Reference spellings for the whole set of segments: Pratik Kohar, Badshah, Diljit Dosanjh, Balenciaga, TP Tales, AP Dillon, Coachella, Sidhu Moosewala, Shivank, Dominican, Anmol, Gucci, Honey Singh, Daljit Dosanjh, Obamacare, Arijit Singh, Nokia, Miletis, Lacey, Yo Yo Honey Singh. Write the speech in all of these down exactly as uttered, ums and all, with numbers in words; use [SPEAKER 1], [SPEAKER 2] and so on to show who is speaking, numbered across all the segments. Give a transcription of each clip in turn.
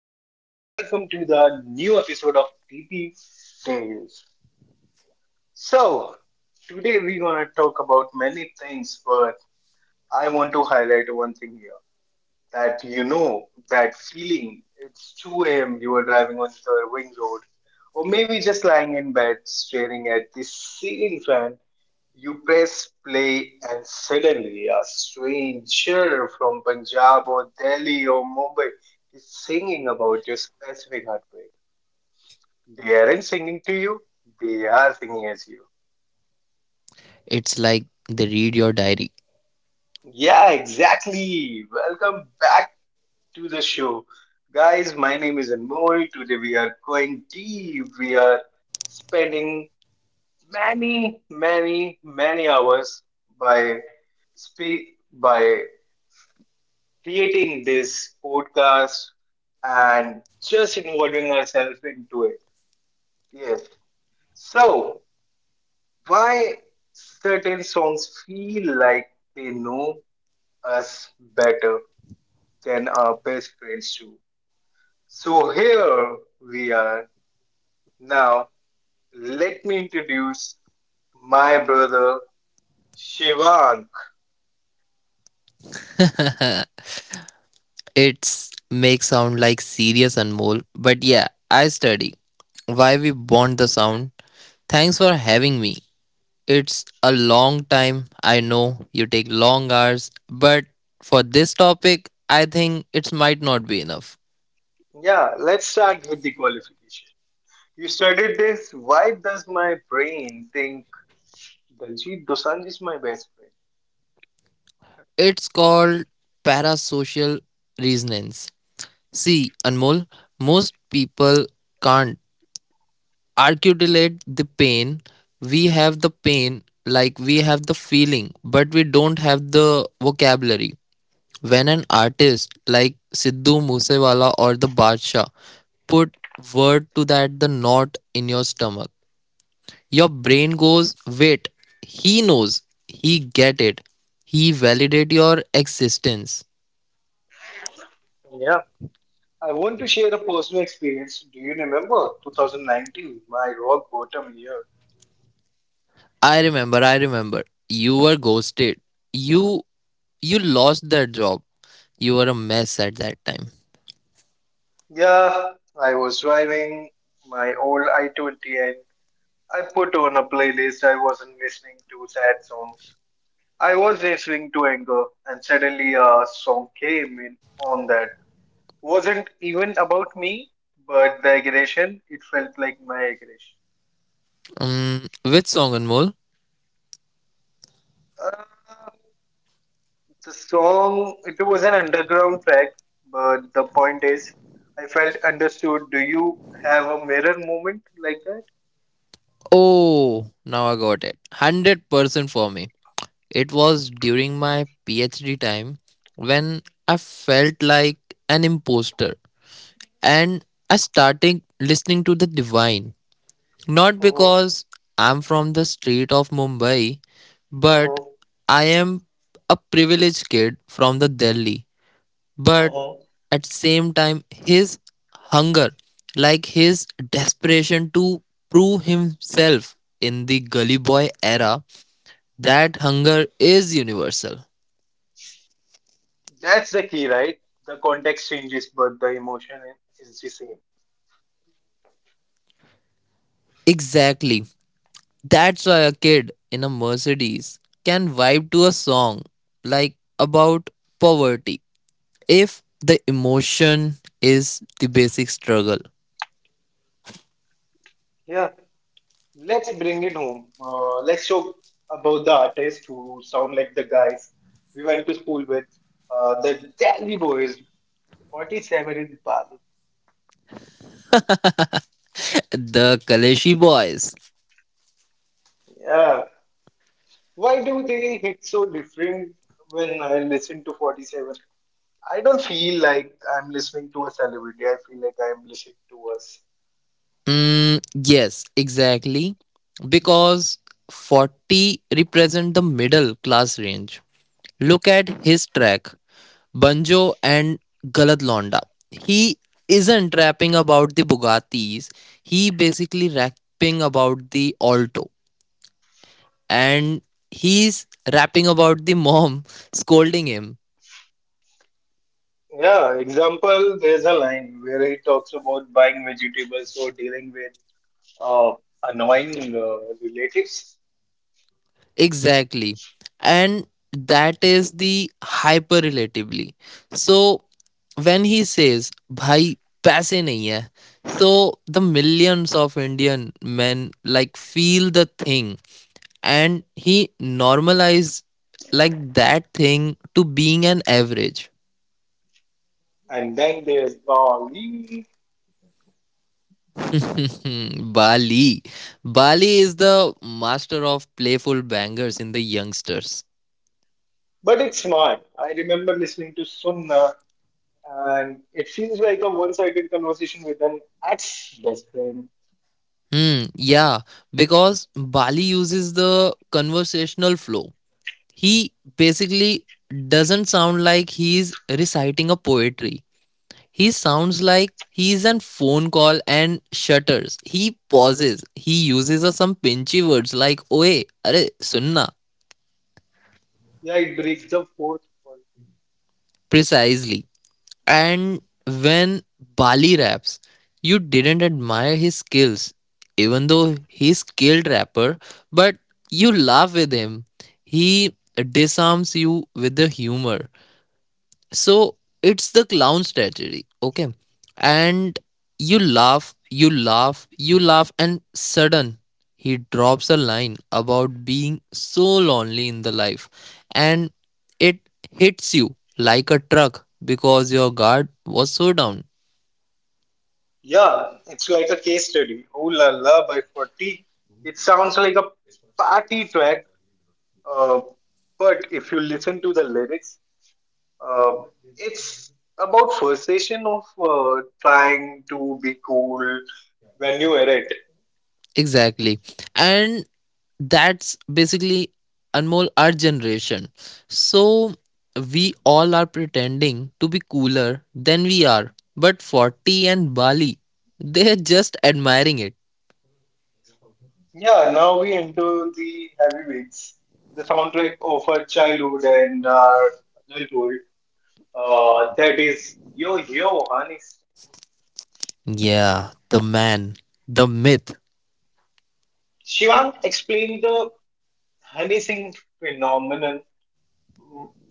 [SPEAKER 1] everyone, welcome to the new episode of T P Tales. So today we're gonna talk about many things, but I want to highlight one thing here. That you know That feeling, it's two a.m., you are driving on the ring road, or maybe just lying in bed staring at the ceiling fan. You press play, and suddenly a stranger from Punjab or Delhi or Mumbai is singing about your specific heartbreak. They aren't singing to you, they are singing as you.
[SPEAKER 2] It's like they read your diary.
[SPEAKER 1] Yeah, exactly. Welcome back to the show. Guys, my name is Anmol. Today we are going deep. We are spending many, many, many hours by speak by creating this podcast and just involving ourselves into it. Yes. So why certain songs feel like they know us better than our best friends do. So here we are. Now let me introduce my brother Shivank.
[SPEAKER 2] It's make sound like serious Anmol, but yeah, I study. Why we bond the sound? Thanks for having me. It's a long time. I know you take long hours, but for this topic, I think it might not be enough.
[SPEAKER 1] Yeah, let's start with the qualification. You studied this. Why does my brain think Daljit Dosanjh is my best friend?
[SPEAKER 2] It's called parasocial resonance. See, Anmol, most people can't articulate the pain. We have the pain, like we have the feeling, but we don't have the vocabulary. When an artist like Sidhu Moosewala or the Badshah put word to that the knot in your stomach, your brain goes, wait, he knows, he get it, he validate your existence.
[SPEAKER 1] Yeah, I want to share a personal experience. Do you remember twenty nineteen, my rock bottom year?
[SPEAKER 2] I remember, I remember, you were ghosted. You you lost that job. You were a mess at that time.
[SPEAKER 1] Yeah, I was driving my old i twenty, and I put on a playlist. I wasn't listening to sad songs, I was listening to anger, and suddenly a song came in on that wasn't even about me, but the aggression, it felt like my aggression.
[SPEAKER 2] Um, which song, Anmol?
[SPEAKER 1] Uh, the song, it was an underground track, but the point is, I felt understood. Do you have a mirror moment like that?
[SPEAKER 2] Oh, now I got it. one hundred percent for me. It was during my PhD time when I felt like an imposter and I started listening to the divine. Not
[SPEAKER 1] Hmm.
[SPEAKER 2] because I'm from the street of Mumbai, but
[SPEAKER 1] Hmm.
[SPEAKER 2] I am a privileged kid from the Delhi, but
[SPEAKER 1] Hmm.
[SPEAKER 2] at the same time his hunger, like his desperation to prove himself in the gully boy era, that hunger is universal.
[SPEAKER 1] That's the key, right? The context changes, but the emotion is the same.
[SPEAKER 2] Exactly, that's why a kid in a Mercedes can vibe to a song like about poverty if the emotion is the basic struggle.
[SPEAKER 1] Let's bring it home. Uh, let's show about the artists who sound like the guys we went to school with, uh, the Delhi Boys, forty seven in Bali.
[SPEAKER 2] The kaleshi boys.
[SPEAKER 1] Yeah. Why do they hit so different when I listen to forty seven? I don't feel like I'm listening to a celebrity, I feel like I'm listening to us.
[SPEAKER 2] Mm, yes, exactly. Because forty represent the middle class range. Look at his track, Banjo and Galad Londa. He isn't rapping about the Bugattis. He basically rapping about the Alto. And he's rapping about the mom scolding him.
[SPEAKER 1] Yeah, example, there's a line where he talks about buying vegetables or dealing with uh, annoying uh, relatives.
[SPEAKER 2] Exactly. And that is the hyper relatively. So when he says, Bhai, paise nahi hai, so the millions of Indian men like feel the thing, and he normalise like that thing to being an average.
[SPEAKER 1] And then there's Bali.
[SPEAKER 2] Hmm, Bali. Bali is the master of playful bangers in the youngsters.
[SPEAKER 1] But it's smart. I remember listening to Sunna, and it feels like a one-sided conversation with an ex-best friend.
[SPEAKER 2] Hmm, yeah, because Bali uses the conversational flow. He basically doesn't sound like he's reciting a poetry. He sounds like he's on phone call and shutters. He pauses. He uses uh, some pinchy words like oe, are, sunna.
[SPEAKER 1] Yeah, it breaks the fourth wall.
[SPEAKER 2] Precisely. And when Bali raps, you didn't admire his skills, even though he's skilled rapper, but you laugh with him. He disarms you with the humor. So it's the clown strategy, okay? And you laugh, you laugh, you laugh, and sudden he drops a line about being so lonely in the life, and it hits you like a truck because your guard was so down.
[SPEAKER 1] Yeah, it's like a case study. Oh la la by forty. It sounds like a party track, uh, but if you listen to the lyrics, uh, it's about frustration of uh, trying to be cool when you are it.
[SPEAKER 2] Exactly. And that's basically Anmol our generation. So we all are pretending to be cooler than we are. But forty and Bali, they're just admiring it.
[SPEAKER 1] Yeah, now we enter the heavyweights. The soundtrack of our childhood and our adulthood. Uh, that is Yo Yo Honey.
[SPEAKER 2] Yeah, the man, the myth.
[SPEAKER 1] Singh. Explain the Honey Singh phenomenon.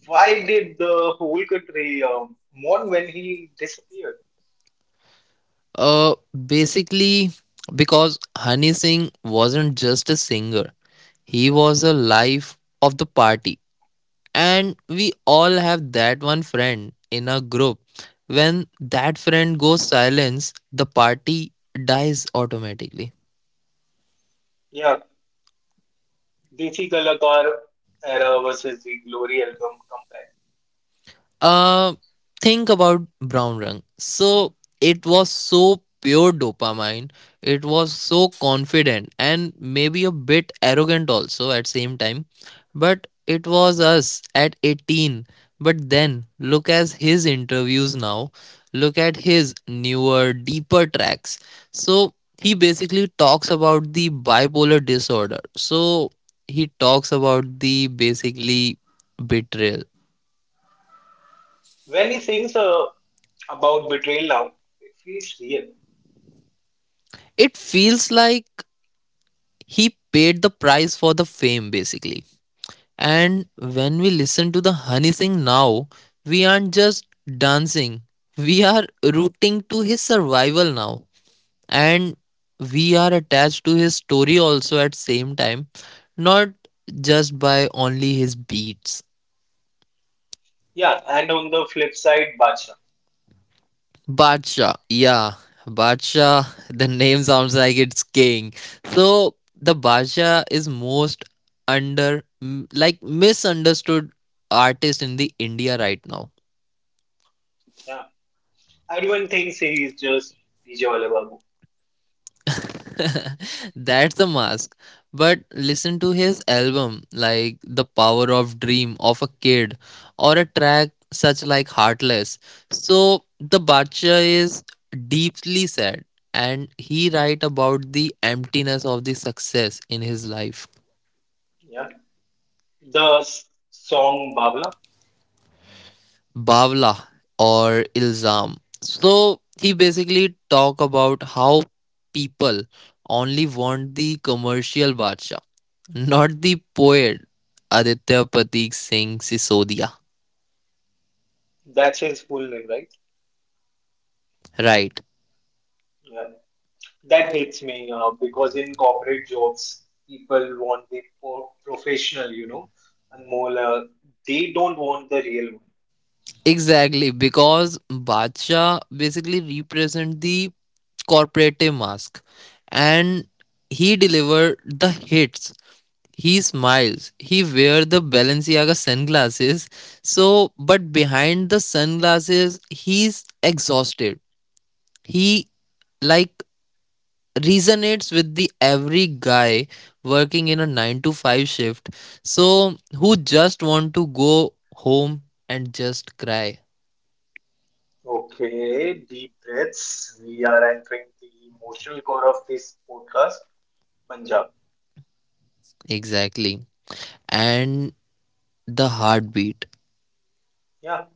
[SPEAKER 1] Why did the whole country um, mourn when he disappeared?
[SPEAKER 2] Uh Basically because Honey Singh wasn't just a singer. He was a life of the party, and we all have that one friend in our group. When that friend goes silence, the party dies automatically.
[SPEAKER 1] Yeah, Desi Kalakar era versus the Glory album comeback.
[SPEAKER 2] uh think about brown rung, so it was so pure dopamine. It was so confident and maybe a bit arrogant also at same time, but it was us at eighteen. But then look at his interviews now, look at his newer deeper tracks. So he basically talks about the bipolar disorder, so he talks about the basically betrayal.
[SPEAKER 1] When he sings uh, about betrayal now, it feels real.
[SPEAKER 2] It feels like he paid the price for the fame basically, and when we listen to the Honey Singh now, we aren't just dancing, we are rooting to his survival now, and we are attached to his story also at same time, not just by only his beats.
[SPEAKER 1] Yeah, and on the flip side, Bacha.
[SPEAKER 2] Badshah. Yeah. Badshah. The name sounds like it's king. So the Badshah is most under m- like misunderstood artist in the India right now.
[SPEAKER 1] Yeah, everyone thinks he is just D J Wale Babu.
[SPEAKER 2] That's the mask. But listen to his album like The Power of Dream of a Kid or a track such like Heartless. So the Badshah is deeply sad, and he write about the emptiness of the success in his life.
[SPEAKER 1] Yeah, the s- song Babla,
[SPEAKER 2] Bawla or Ilzam. So he basically talk about how people only want the commercial Bacha, not the poet Aditya Patik Singh Sisodia.
[SPEAKER 1] that's his full name, right?
[SPEAKER 2] Right.
[SPEAKER 1] Yeah, that hits me uh, because in corporate jobs, people want the pro- professional, you know, and more, uh, they don't want the real one.
[SPEAKER 2] Exactly, because Bacha basically represent the corporative mask, and he delivered the hits, he smiles, he wears the Balenciaga sunglasses. So but behind the sunglasses he's exhausted. He like resonates with the every guy working in a nine to five shift, so who just want to go home and just cry.
[SPEAKER 1] Okay, deep breaths. We are entering the emotional core of this podcast, Punjab.
[SPEAKER 2] Exactly, and the heartbeat.
[SPEAKER 1] Yeah,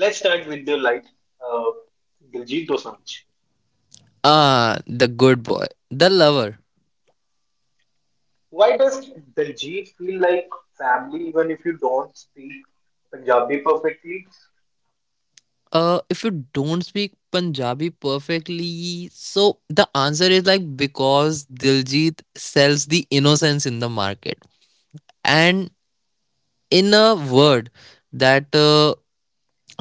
[SPEAKER 1] let's start with the like uh, Diljit Dosanjh.
[SPEAKER 2] Ah, the good boy, the lover.
[SPEAKER 1] Why does Diljit feel like family even if you don't speak Punjabi perfectly?
[SPEAKER 2] Uh, if you don't speak Punjabi perfectly, so the answer is like because Diljit sells the innocence in the market. And in a word that uh,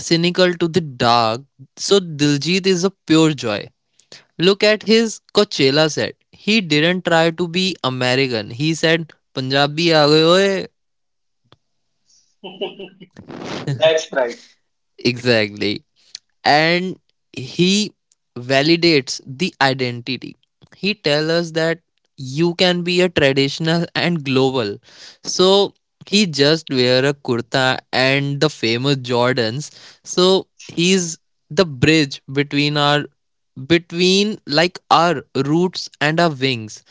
[SPEAKER 2] cynical to the dark, so Diljit is a pure joy. Look at his Coachella set. He didn't try to be American. He said, Punjabi aa gaye oye.
[SPEAKER 1] That's right.
[SPEAKER 2] Exactly. And he validates the identity. He tells us that you can be a traditional and global. So he just wear a kurta and the famous Jordans. So he's the bridge between our, between like our roots and our wings.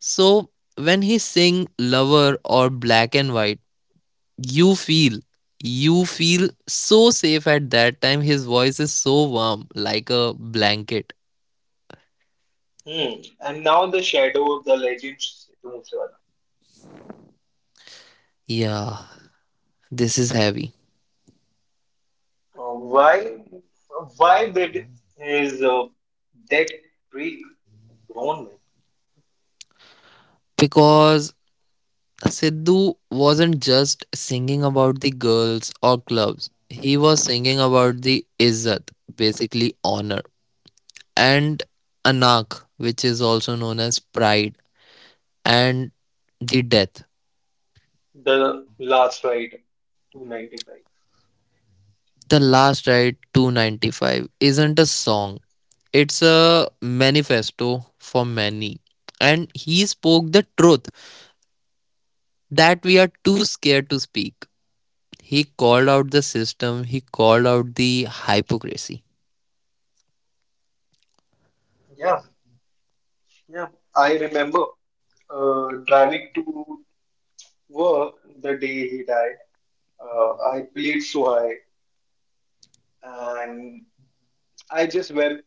[SPEAKER 2] So when he sing lover or black and white, you feel, you feel so safe at that time. His voice is so warm, like a blanket.
[SPEAKER 1] Hmm. And now the shadow of the legend Sidhu Moosewala.
[SPEAKER 2] Yeah, this is heavy.
[SPEAKER 1] Uh, why, why did his uh, death break grown.
[SPEAKER 2] Because Sidhu wasn't just singing about the girls or clubs, he was singing about the izzat, basically honor, and anak, which is also known as pride, and the death.
[SPEAKER 1] The last ride, two ninety five.
[SPEAKER 2] The Last Ride two ninety-five isn't a song, it's a manifesto for many. And he spoke the truth that we are too scared to speak. He called out the system, he called out the hypocrisy.
[SPEAKER 1] Yeah, yeah. I remember uh, driving to work the day he died. Uh, I played so high, and I just well,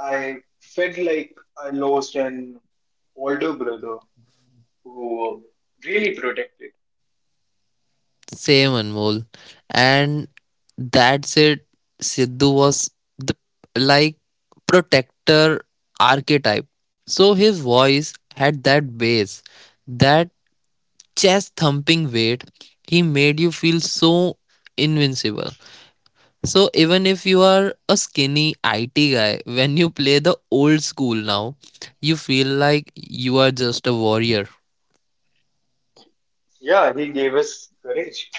[SPEAKER 1] I felt like I lost an older brother who really protected.
[SPEAKER 2] Same Anmol. And that's it. Siddhu was the like protector archetype. So his voice had that bass, that chest thumping weight, he made you feel so invincible. So even if you are a skinny I T guy, when you play the old school now, you feel like you are just a warrior.
[SPEAKER 1] Yeah, he gave us courage.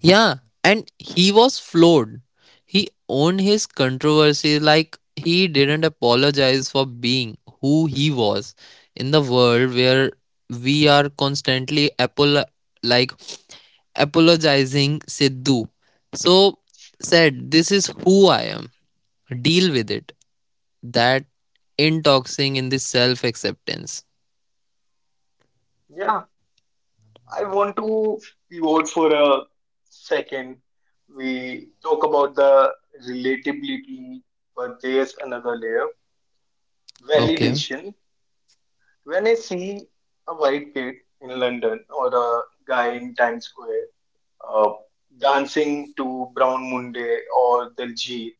[SPEAKER 2] Yeah, and he was floored. He owned his controversy, like he didn't apologize for being who he was in the world where we are constantly apolo- like apologizing Sidhu. So said, this is who I am. Deal with it. That intoxing in the self acceptance.
[SPEAKER 1] Yeah. I want to pivot for a second. We talk about the relatability, but there's another layer,
[SPEAKER 2] Okay.
[SPEAKER 1] validation. When I see a white kid in London or a guy in Times Square uh, dancing to Brown Munde or Diljit,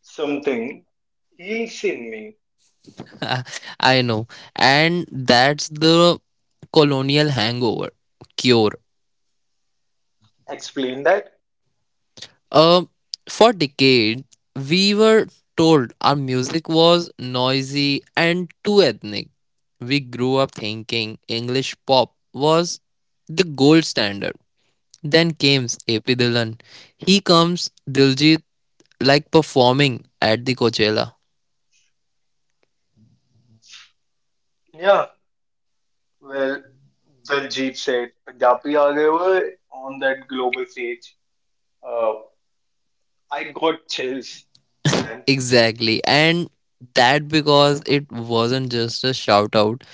[SPEAKER 1] something heals in me.
[SPEAKER 2] I know. And that's the colonial hangover cure.
[SPEAKER 1] Explain that.
[SPEAKER 2] Um, for decades, we were told our music was noisy and too ethnic. We grew up thinking English pop was the gold standard. Then came A P Dillon. He comes Diljit like performing at the Coachella.
[SPEAKER 1] Yeah, well, Diljit said, Punjabi aa gaye ho on that global stage. Uh, I got chills, man.
[SPEAKER 2] Exactly, and that because it wasn't just a shout out,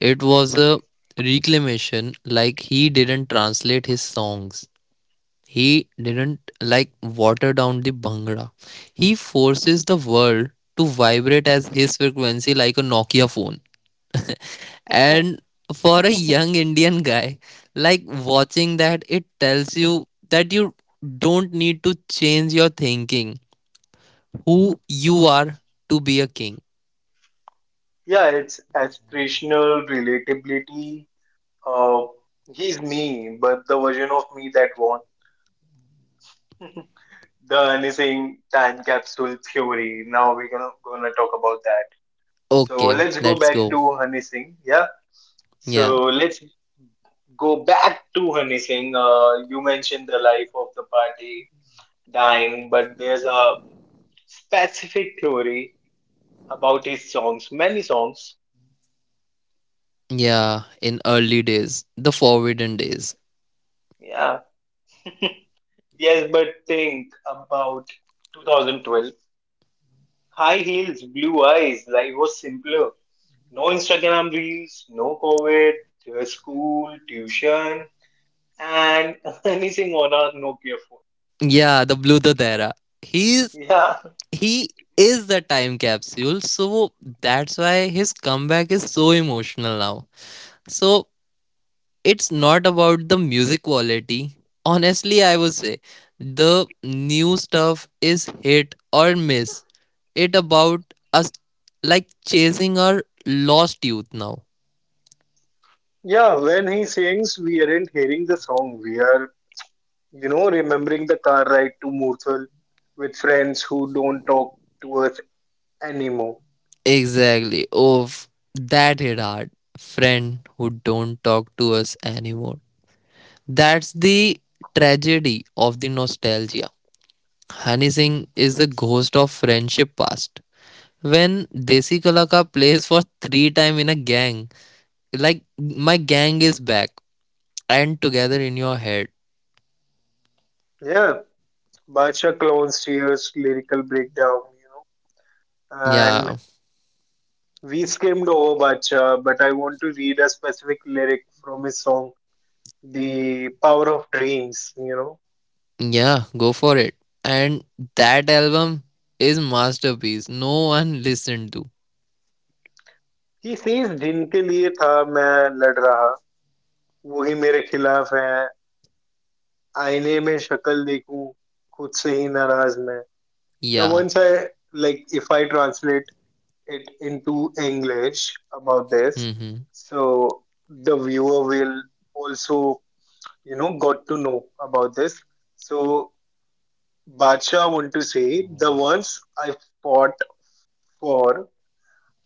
[SPEAKER 2] it was a reclamation, like he didn't translate his songs. He didn't like water down the Bhangra. He forces the world to vibrate as his frequency like a Nokia phone. And for a young Indian guy, like watching that, it tells you that you don't need to change your thinking, who you are to be a king.
[SPEAKER 1] Yeah, it's aspirational relatability. Uh, he's me, but the version of me that won. The anything time capsule theory. Now we're gonna gonna talk about that. So
[SPEAKER 2] Okay,
[SPEAKER 1] let's go
[SPEAKER 2] let's
[SPEAKER 1] back
[SPEAKER 2] go.
[SPEAKER 1] to Honey. Yeah. So
[SPEAKER 2] Yeah,
[SPEAKER 1] let's go back to Honey. Uh, you mentioned the life of the party dying, but there's a specific theory about his songs, many songs.
[SPEAKER 2] yeah, in early days, the forbidden days.
[SPEAKER 1] Yeah. Yes, but think about twenty twelve. High heels, blue eyes, life was simpler. No Instagram reels, no COVID, just school, tuition, and anything on our Nokia phone.
[SPEAKER 2] Yeah, the Blue era. He's
[SPEAKER 1] Yeah.
[SPEAKER 2] he is the time capsule, so that's why his comeback is so emotional now. So it's not about the music quality, honestly I would say the new stuff is hit or miss. It about us like chasing our lost youth now.
[SPEAKER 1] Yeah, when he sings, we aren't hearing the song. We are, you know, remembering the car ride to Murthal with friends who don't talk to us anymore.
[SPEAKER 2] Exactly, of that hit hard, friend who don't talk to us anymore, that's the tragedy of the nostalgia. Honey is the ghost of friendship past. When Desi Kalaka plays for three time in a gang, like my gang is back and together in your head.
[SPEAKER 1] Yeah, Bacha clones, tears, lyrical breakdown, you know, and.
[SPEAKER 2] Yeah,
[SPEAKER 1] We skimmed over Bacha, but I want to read a specific lyric from his song, The Power of Dreams, you know.
[SPEAKER 2] yeah, go for it. And that album is masterpiece. No one listened to.
[SPEAKER 1] He says, जिनके लिए था मैं लड़ रहा वो ही मेरे खिलाफ है आईने में शक्ल देखूं खुद से ही नाराज मैं. The
[SPEAKER 2] Yeah.
[SPEAKER 1] ones I like, if I translate it into English about this,
[SPEAKER 2] Mm-hmm.
[SPEAKER 1] so the viewer will also, you know, got to know about this. So Bacha want to say the ones I fought for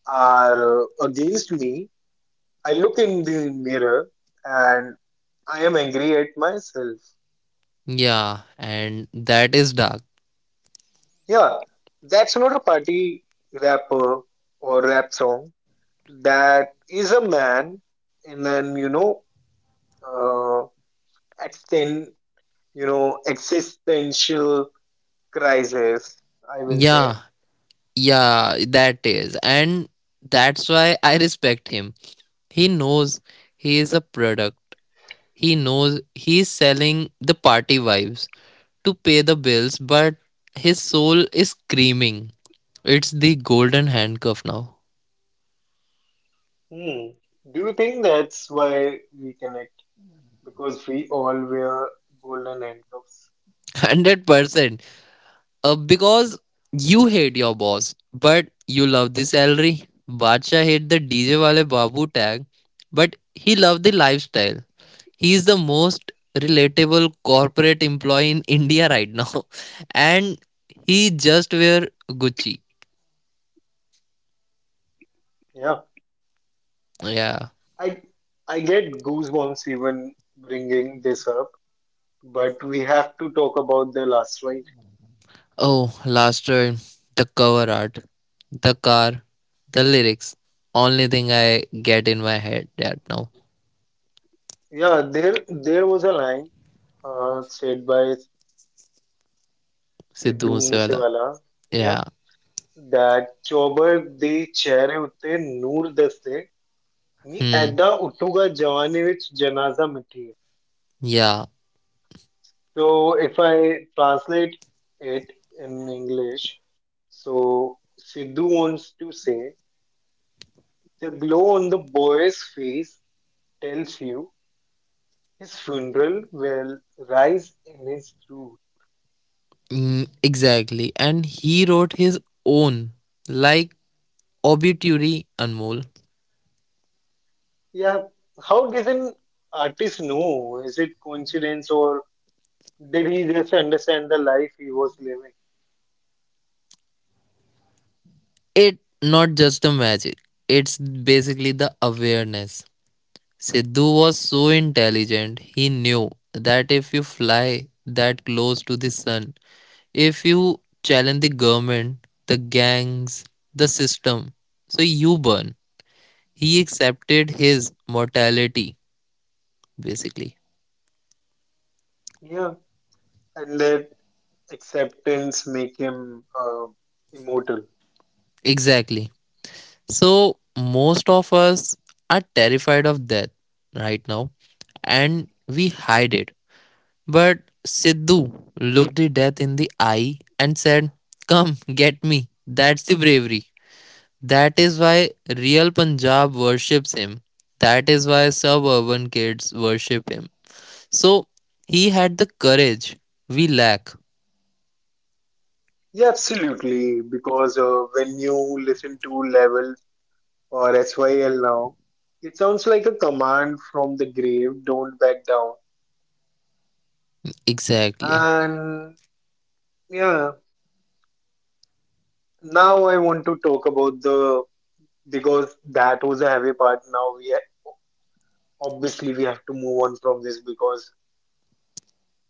[SPEAKER 1] are uh, against me. I look in the mirror, and I am angry at myself.
[SPEAKER 2] Yeah, and that is dark.
[SPEAKER 1] Yeah, that's not a party rapper or rap song. That is a man in an, you know, uh, extent, you know, existential crisis, I will
[SPEAKER 2] Yeah,
[SPEAKER 1] say.
[SPEAKER 2] yeah, that is. And that's why I respect him. He knows he is a product. He knows he's selling the party vibes to pay the bills, but his soul is screaming. It's the golden handcuff now.
[SPEAKER 1] Hmm. Do you think that's why we connect? Because we all wear golden handcuffs.
[SPEAKER 2] one hundred percent. Uh, because you hate your boss, but you love the salary. Bacha hate the D J wale babu tag, but he loved the lifestyle. He is the most relatable corporate employee in India right now. And he just wear Gucci.
[SPEAKER 1] Yeah,
[SPEAKER 2] Yeah.
[SPEAKER 1] I I get goosebumps even bringing this up, but we have to talk about the last fight.
[SPEAKER 2] Oh, last word. The cover art, the car, the lyrics. Only thing I get in my head that now.
[SPEAKER 1] Yeah, there there was a line uh, said by
[SPEAKER 2] Sidhu
[SPEAKER 1] Sidhu
[SPEAKER 2] Moosewala.
[SPEAKER 1] Moosewala. Yeah,
[SPEAKER 2] Yeah.
[SPEAKER 1] that ਚੌਬਰ ਦੇ utte ਉੱਤੇ ਨੂਰ ni ਨੀ
[SPEAKER 2] Hmm.
[SPEAKER 1] ਐਦਾ ਉੱਠੂਗਾ ਜਵਾਨੀ ਵਿੱਚ ਜਨਾਜ਼ਾ.
[SPEAKER 2] Yeah.
[SPEAKER 1] So if I translate it in English, so Sidhu wants to say the glow on the boy's face tells you his funeral will rise in his truth.
[SPEAKER 2] Mm, exactly. And he wrote his own, like obituary Anmol.
[SPEAKER 1] Yeah, how did an artist know? Is it coincidence, or did he just understand the life he was living?
[SPEAKER 2] It not just the magic. It's basically the awareness. Sidhu was so intelligent, he knew that if you fly that close to the sun, if you challenge the government, the gangs, the system, so you burn. He accepted his mortality, basically.
[SPEAKER 1] Yeah, and let acceptance make him uh, immortal.
[SPEAKER 2] Exactly. So, most of us are terrified of death right now, and we hide it. But Sidhu looked the death in the eye and said, Come, get me. That's the bravery. That is why real Punjab worships him. That is why suburban kids worship him. So he had the courage we lack.
[SPEAKER 1] Yeah, absolutely. Because uh, when you listen to level or S Y L now, it sounds like a command from the grave, don't back down.
[SPEAKER 2] Exactly.
[SPEAKER 1] And yeah, now I want to talk about the, because that was a heavy part. Now we ha obviously we have to move on from this, because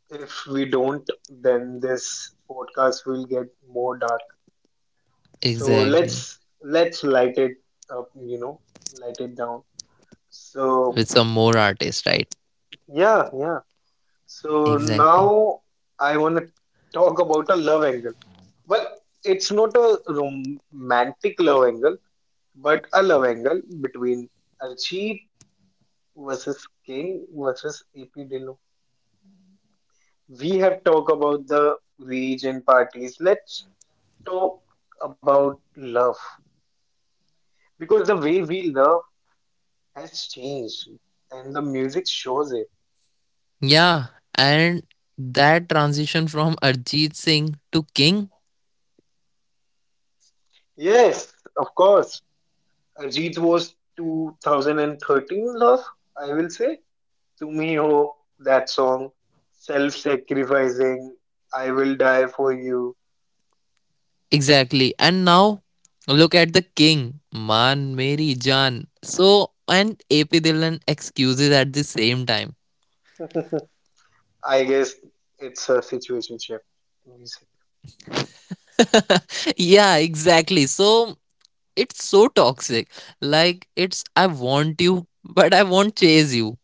[SPEAKER 1] if we don't, then this podcast will get more dark. So
[SPEAKER 2] Exactly.
[SPEAKER 1] let's let's light it up, you know, light it down.
[SPEAKER 2] With
[SPEAKER 1] So
[SPEAKER 2] some more artists, right?
[SPEAKER 1] yeah, yeah. So
[SPEAKER 2] Exactly.
[SPEAKER 1] now I want to talk about a love angle. Well, it's not a romantic love angle, but a love angle between Archie versus King versus A P Dillon. We have talked about the rage and parties. Let's talk, about love because the way we love has changed and the music shows it.
[SPEAKER 2] Yeah. And that transition from Arjit Singh to King.
[SPEAKER 1] Yes, of course. Arjit was two thousand thirteen love, I will say. To me, oh, that song, self sacrificing, I will die for you.
[SPEAKER 2] Exactly. And now look at the king, Man Mary Jan. So and A P Dillon excuses at the same time.
[SPEAKER 1] I guess it's a situationship music.
[SPEAKER 2] Yeah, exactly. So it's so toxic. Like it's I want you, but I won't chase you.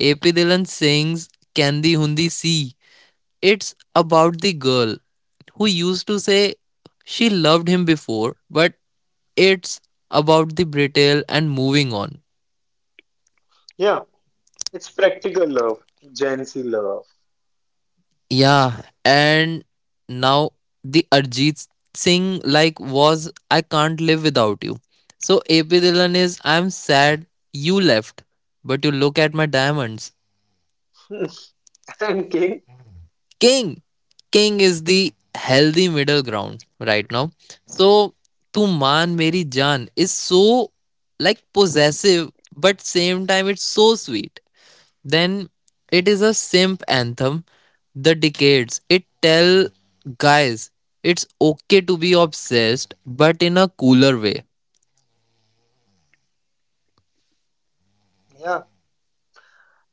[SPEAKER 2] A P Dillon sings Kandi Hundi Si. It's about the girl who used to say she loved him before, but it's about the brittle and moving on.
[SPEAKER 1] Yeah, it's practical love, Gen Z love.
[SPEAKER 2] Yeah, and now the Arjit Singh like was I can't live without you. So A P Dillon is I'm sad you left, but you look at my diamonds.
[SPEAKER 1] And King,
[SPEAKER 2] King. King is the healthy middle ground right now. So, Tu Man Meri Jaan is so like possessive, but same time it's so sweet. Then it is a simp anthem. The decades it tell guys it's okay to be obsessed, but in a cooler way.
[SPEAKER 1] yeah.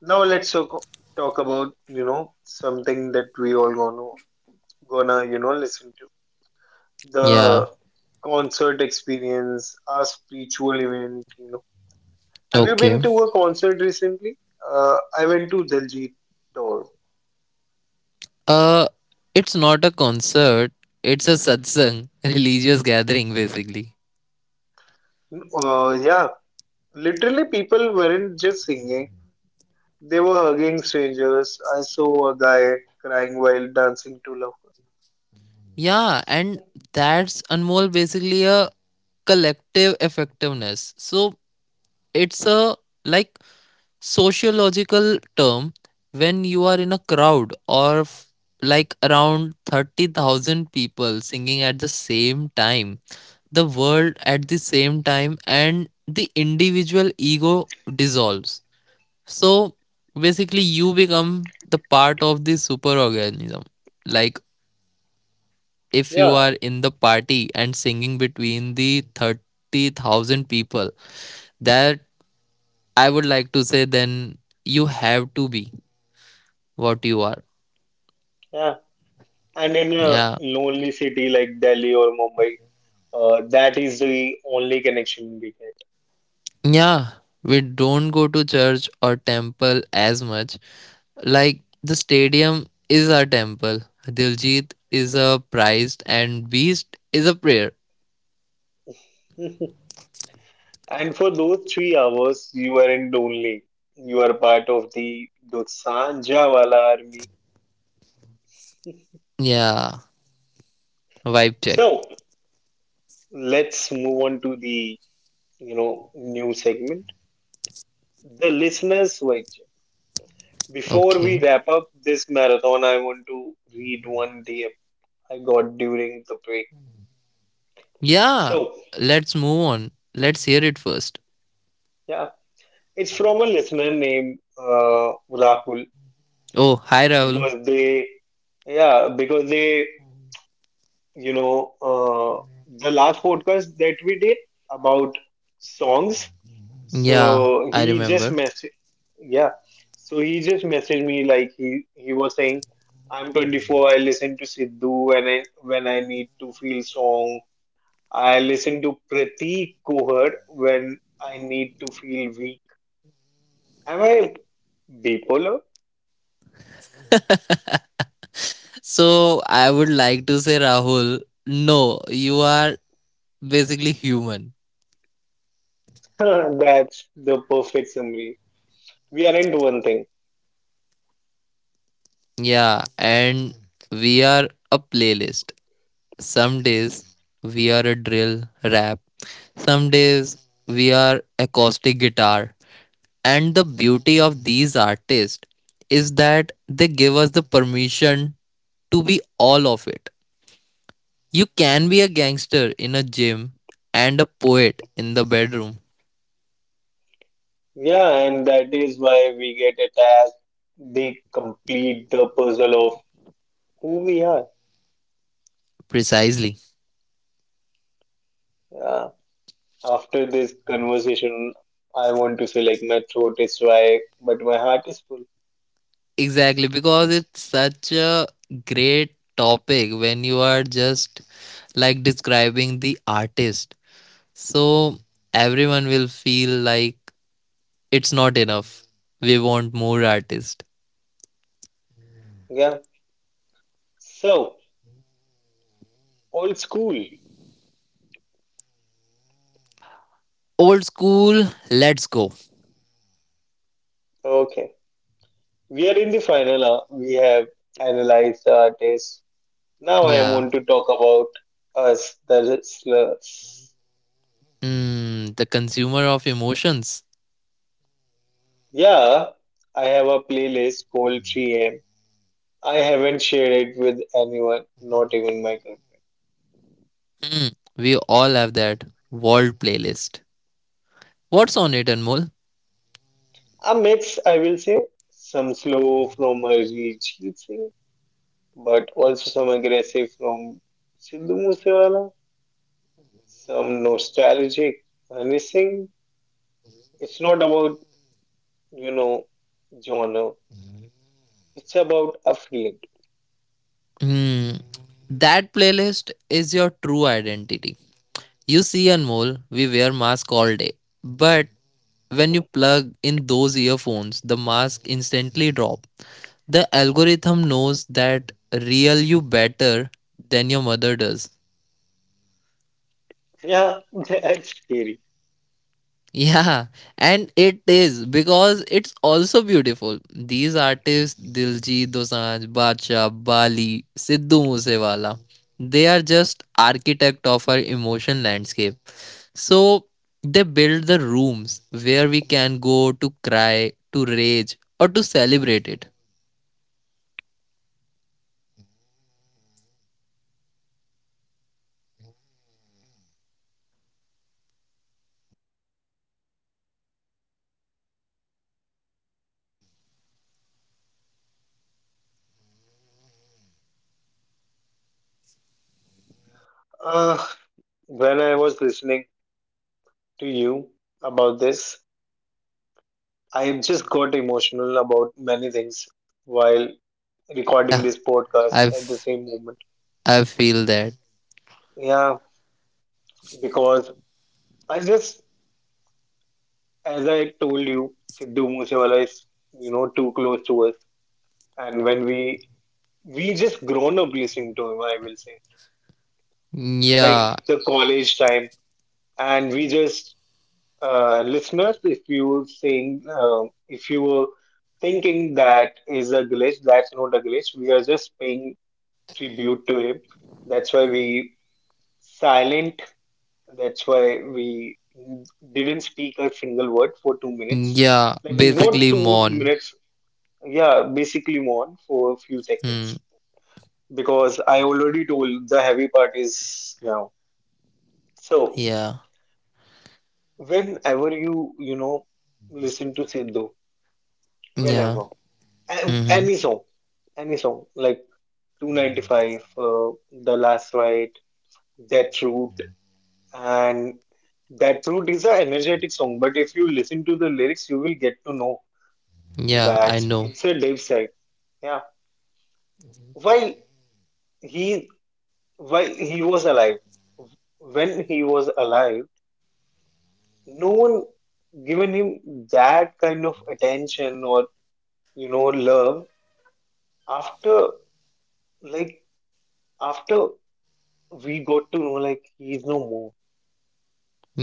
[SPEAKER 1] Now let's talk, talk about, you know, something that we all gonna, gonna, you know, listen to.
[SPEAKER 2] Yeah.
[SPEAKER 1] The concert experience, a spiritual event, you know. Have you been
[SPEAKER 2] Okay.
[SPEAKER 1] to a concert recently? Uh, I went to Diljit.
[SPEAKER 2] Uh, it's not a concert. It's a satsang, religious gathering, basically.
[SPEAKER 1] Uh, yeah, literally people weren't just singing, they were hugging strangers. I saw a guy crying while dancing to love.
[SPEAKER 2] Yeah, and that's Anmol basically a collective effectiveness. So it's a like sociological term when you are in a crowd or f- like around thirty thousand people singing at the same time, the world at the same time, and the individual ego dissolves. So basically, you become the part of the superorganism. Like if you
[SPEAKER 1] Yeah,
[SPEAKER 2] are in the party and singing between the thirty thousand people, that I would like to say then you have to be what you are.
[SPEAKER 1] yeah. And in a
[SPEAKER 2] Yeah.
[SPEAKER 1] lonely city like Delhi or Mumbai, uh, that is the only connection we
[SPEAKER 2] Yeah. We don't go to church or temple as much. Like the stadium is our temple. Diljit is a prized and beast is a prayer.
[SPEAKER 1] get. And for those three hours, you weren't lonely. You are part of the Dosanjhawala army.
[SPEAKER 2] Yeah. Vibe check.
[SPEAKER 1] So let's move on to the, you know, new segment. The listeners' voice. Before we
[SPEAKER 2] Okay.
[SPEAKER 1] wrap up this marathon, I want to read one D M I got during the break.
[SPEAKER 2] Yeah.
[SPEAKER 1] So
[SPEAKER 2] Let's move on. Let's hear it first.
[SPEAKER 1] yeah, it's from a listener named uh, Rahul,
[SPEAKER 2] Oh, hi Rahul.
[SPEAKER 1] because they, yeah, because they, you know, uh, the last podcast that we did about songs.
[SPEAKER 2] Yeah,
[SPEAKER 1] So
[SPEAKER 2] I
[SPEAKER 1] he just
[SPEAKER 2] remember.
[SPEAKER 1] messaged, yeah, so he just messaged me like he he was saying, I'm twenty four, I listen to Sidhu when I when I need to feel song. I listen to Pratik Kohar when I need to feel weak. Am I bipolar?
[SPEAKER 2] So I would like to say, Rahul, no, you are basically human.
[SPEAKER 1] That's the perfect summary. We aren't one thing.
[SPEAKER 2] Yeah, and we are a playlist. Some days we are a drill rap, some days we are acoustic guitar. And the beauty of these artists is that they give us the permission to be all of it. You can be a gangster in a gym and a poet in the bedroom.
[SPEAKER 1] Yeah, and that is why we get attached. They complete the puzzle of who we are.
[SPEAKER 2] Precisely.
[SPEAKER 1] Yeah. After this conversation, I want to say like my throat is dry, but my heart is full.
[SPEAKER 2] Exactly. Because it's such a great topic when you are just like describing the artist. So everyone will feel like it's not enough. We want more artists.
[SPEAKER 1] Yeah. So, old school.
[SPEAKER 2] Old school, let's go.
[SPEAKER 1] Okay. We are in the final. uh, We have analyzed the artists. Now I
[SPEAKER 2] Yeah.
[SPEAKER 1] want to talk about us, the listeners.
[SPEAKER 2] Mm, the consumer of emotions.
[SPEAKER 1] Yeah, I have a playlist called three M. I haven't shared it with anyone, not even my cousin.
[SPEAKER 2] We all have that world playlist. What's on it, Anmol?
[SPEAKER 1] A mix, I will say, some slow from Arijit Singh, but also some aggressive from Sidhu Moosewala, some nostalgic Hani Singh. It's not about, you know, genre. It's about a feeling.
[SPEAKER 2] Hmm. That playlist is your true identity. You see, Anmol, we wear mask all day, but when you plug in those earphones, the mask instantly drop. The algorithm knows that real you better than your mother does.
[SPEAKER 1] Yeah, that's scary.
[SPEAKER 2] Yeah, and it is because it's also beautiful. These artists, Diljit Dosanjh, Badshah, Bali, Sidhu Moosewala, they are just architect of our emotion landscape. So they build the rooms where we can go to cry, to rage, or to celebrate it.
[SPEAKER 1] Uh, when I was listening to you about this, I just got emotional about many things while recording this
[SPEAKER 2] Yeah,
[SPEAKER 1] podcast at the
[SPEAKER 2] I've—I
[SPEAKER 1] same moment.
[SPEAKER 2] feel that.
[SPEAKER 1] Yeah, because I just, as I told you, Sidhu Moosewala is, you know, too close to us. And when we, we just grown up listening to him, I will say,
[SPEAKER 2] Yeah,
[SPEAKER 1] like the college time. And we just. Uh, listeners, if you saying uh, if you were thinking that is a glitch, that's not a glitch. We are just paying tribute to him. That's why we silent. That's why we didn't speak a single word for two minutes.
[SPEAKER 2] yeah,
[SPEAKER 1] Like not
[SPEAKER 2] basically
[SPEAKER 1] two
[SPEAKER 2] mourn.
[SPEAKER 1] minutes. Yeah, basically more for a few
[SPEAKER 2] Hmm.
[SPEAKER 1] seconds because I already told the heavy part is now. So
[SPEAKER 2] Yeah,
[SPEAKER 1] whenever you you know listen to Sidhu,
[SPEAKER 2] yeah.
[SPEAKER 1] whenever. An-
[SPEAKER 2] Mm-hmm.
[SPEAKER 1] Any song, any song like two ninety five, uh, The Last Ride, Death Route, and Death Route is an energetic song. But if you listen to the lyrics, you will get to know
[SPEAKER 2] Yeah, I
[SPEAKER 1] that
[SPEAKER 2] know.
[SPEAKER 1] it's a Dave side. Yeah, while he while he was alive, when he was alive, no one given him that kind of attention or you know love. After like after we got to know like he's no more,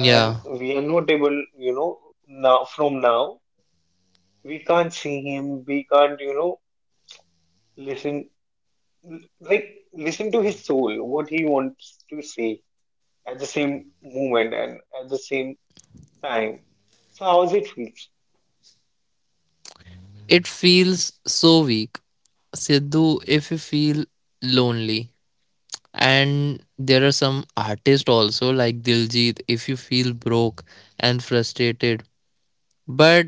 [SPEAKER 1] and we are not able, you know, now from now we can't see him, we can't, you know, listen like listen to his soul, what he wants to say at the same moment and at the same time. So how's it feels?
[SPEAKER 2] It feels so weak. Sidhu, if you feel lonely, and there are some artists also like Diljit, if you feel broke and frustrated. But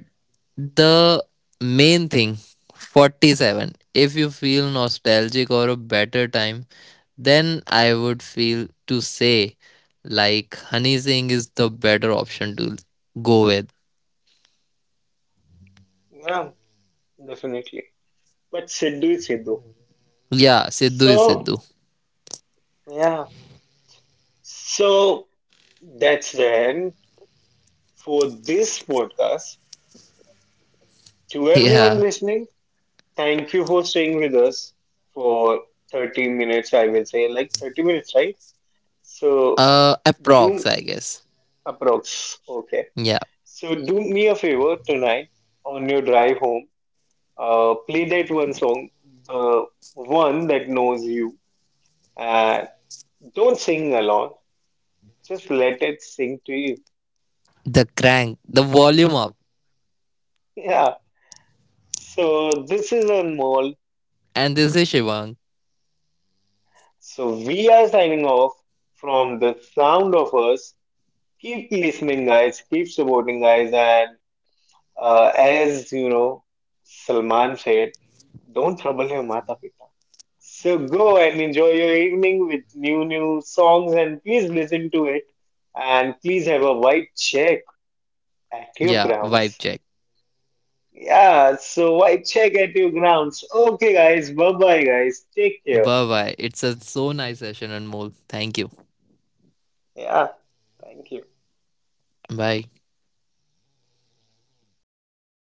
[SPEAKER 2] the main thing, forty-seven, if you feel nostalgic or a better time, then I would feel to say like Honey Singh is the better option to go with.
[SPEAKER 1] Yeah, definitely. But Sidhu is Sidhu.
[SPEAKER 2] Yeah, Sidhu is
[SPEAKER 1] So
[SPEAKER 2] Sidhu.
[SPEAKER 1] yeah, so that's the end for this podcast, to everyone
[SPEAKER 2] Yeah.
[SPEAKER 1] listening. Thank you for staying with us for thirty minutes, I will say, like thirty minutes, right? So,
[SPEAKER 2] Uh, approx,
[SPEAKER 1] do
[SPEAKER 2] I guess.
[SPEAKER 1] approx. Okay.
[SPEAKER 2] Yeah.
[SPEAKER 1] So, do me a favor tonight on your drive home. Uh, play that one song, the one that knows you. And don't sing along, just let it sing to you.
[SPEAKER 2] The crank, the volume up.
[SPEAKER 1] Yeah. So, this is Anmol.
[SPEAKER 2] And this is Shivang.
[SPEAKER 1] So, we are signing off from the sound of us. Keep listening, guys. Keep supporting, guys. And uh, as you know, Salman said, don't trouble your mata pita. So go and enjoy your evening with new new songs and please listen to it and please have a vibe check at your
[SPEAKER 2] Yeah, vibe
[SPEAKER 1] grounds.
[SPEAKER 2] check.
[SPEAKER 1] Yeah, so vibe check at your grounds. Okay guys, bye bye guys. Take care.
[SPEAKER 2] Bye bye. It's a so nice session, and Anmol. Thank you.
[SPEAKER 1] Yeah, thank you.
[SPEAKER 2] Bye.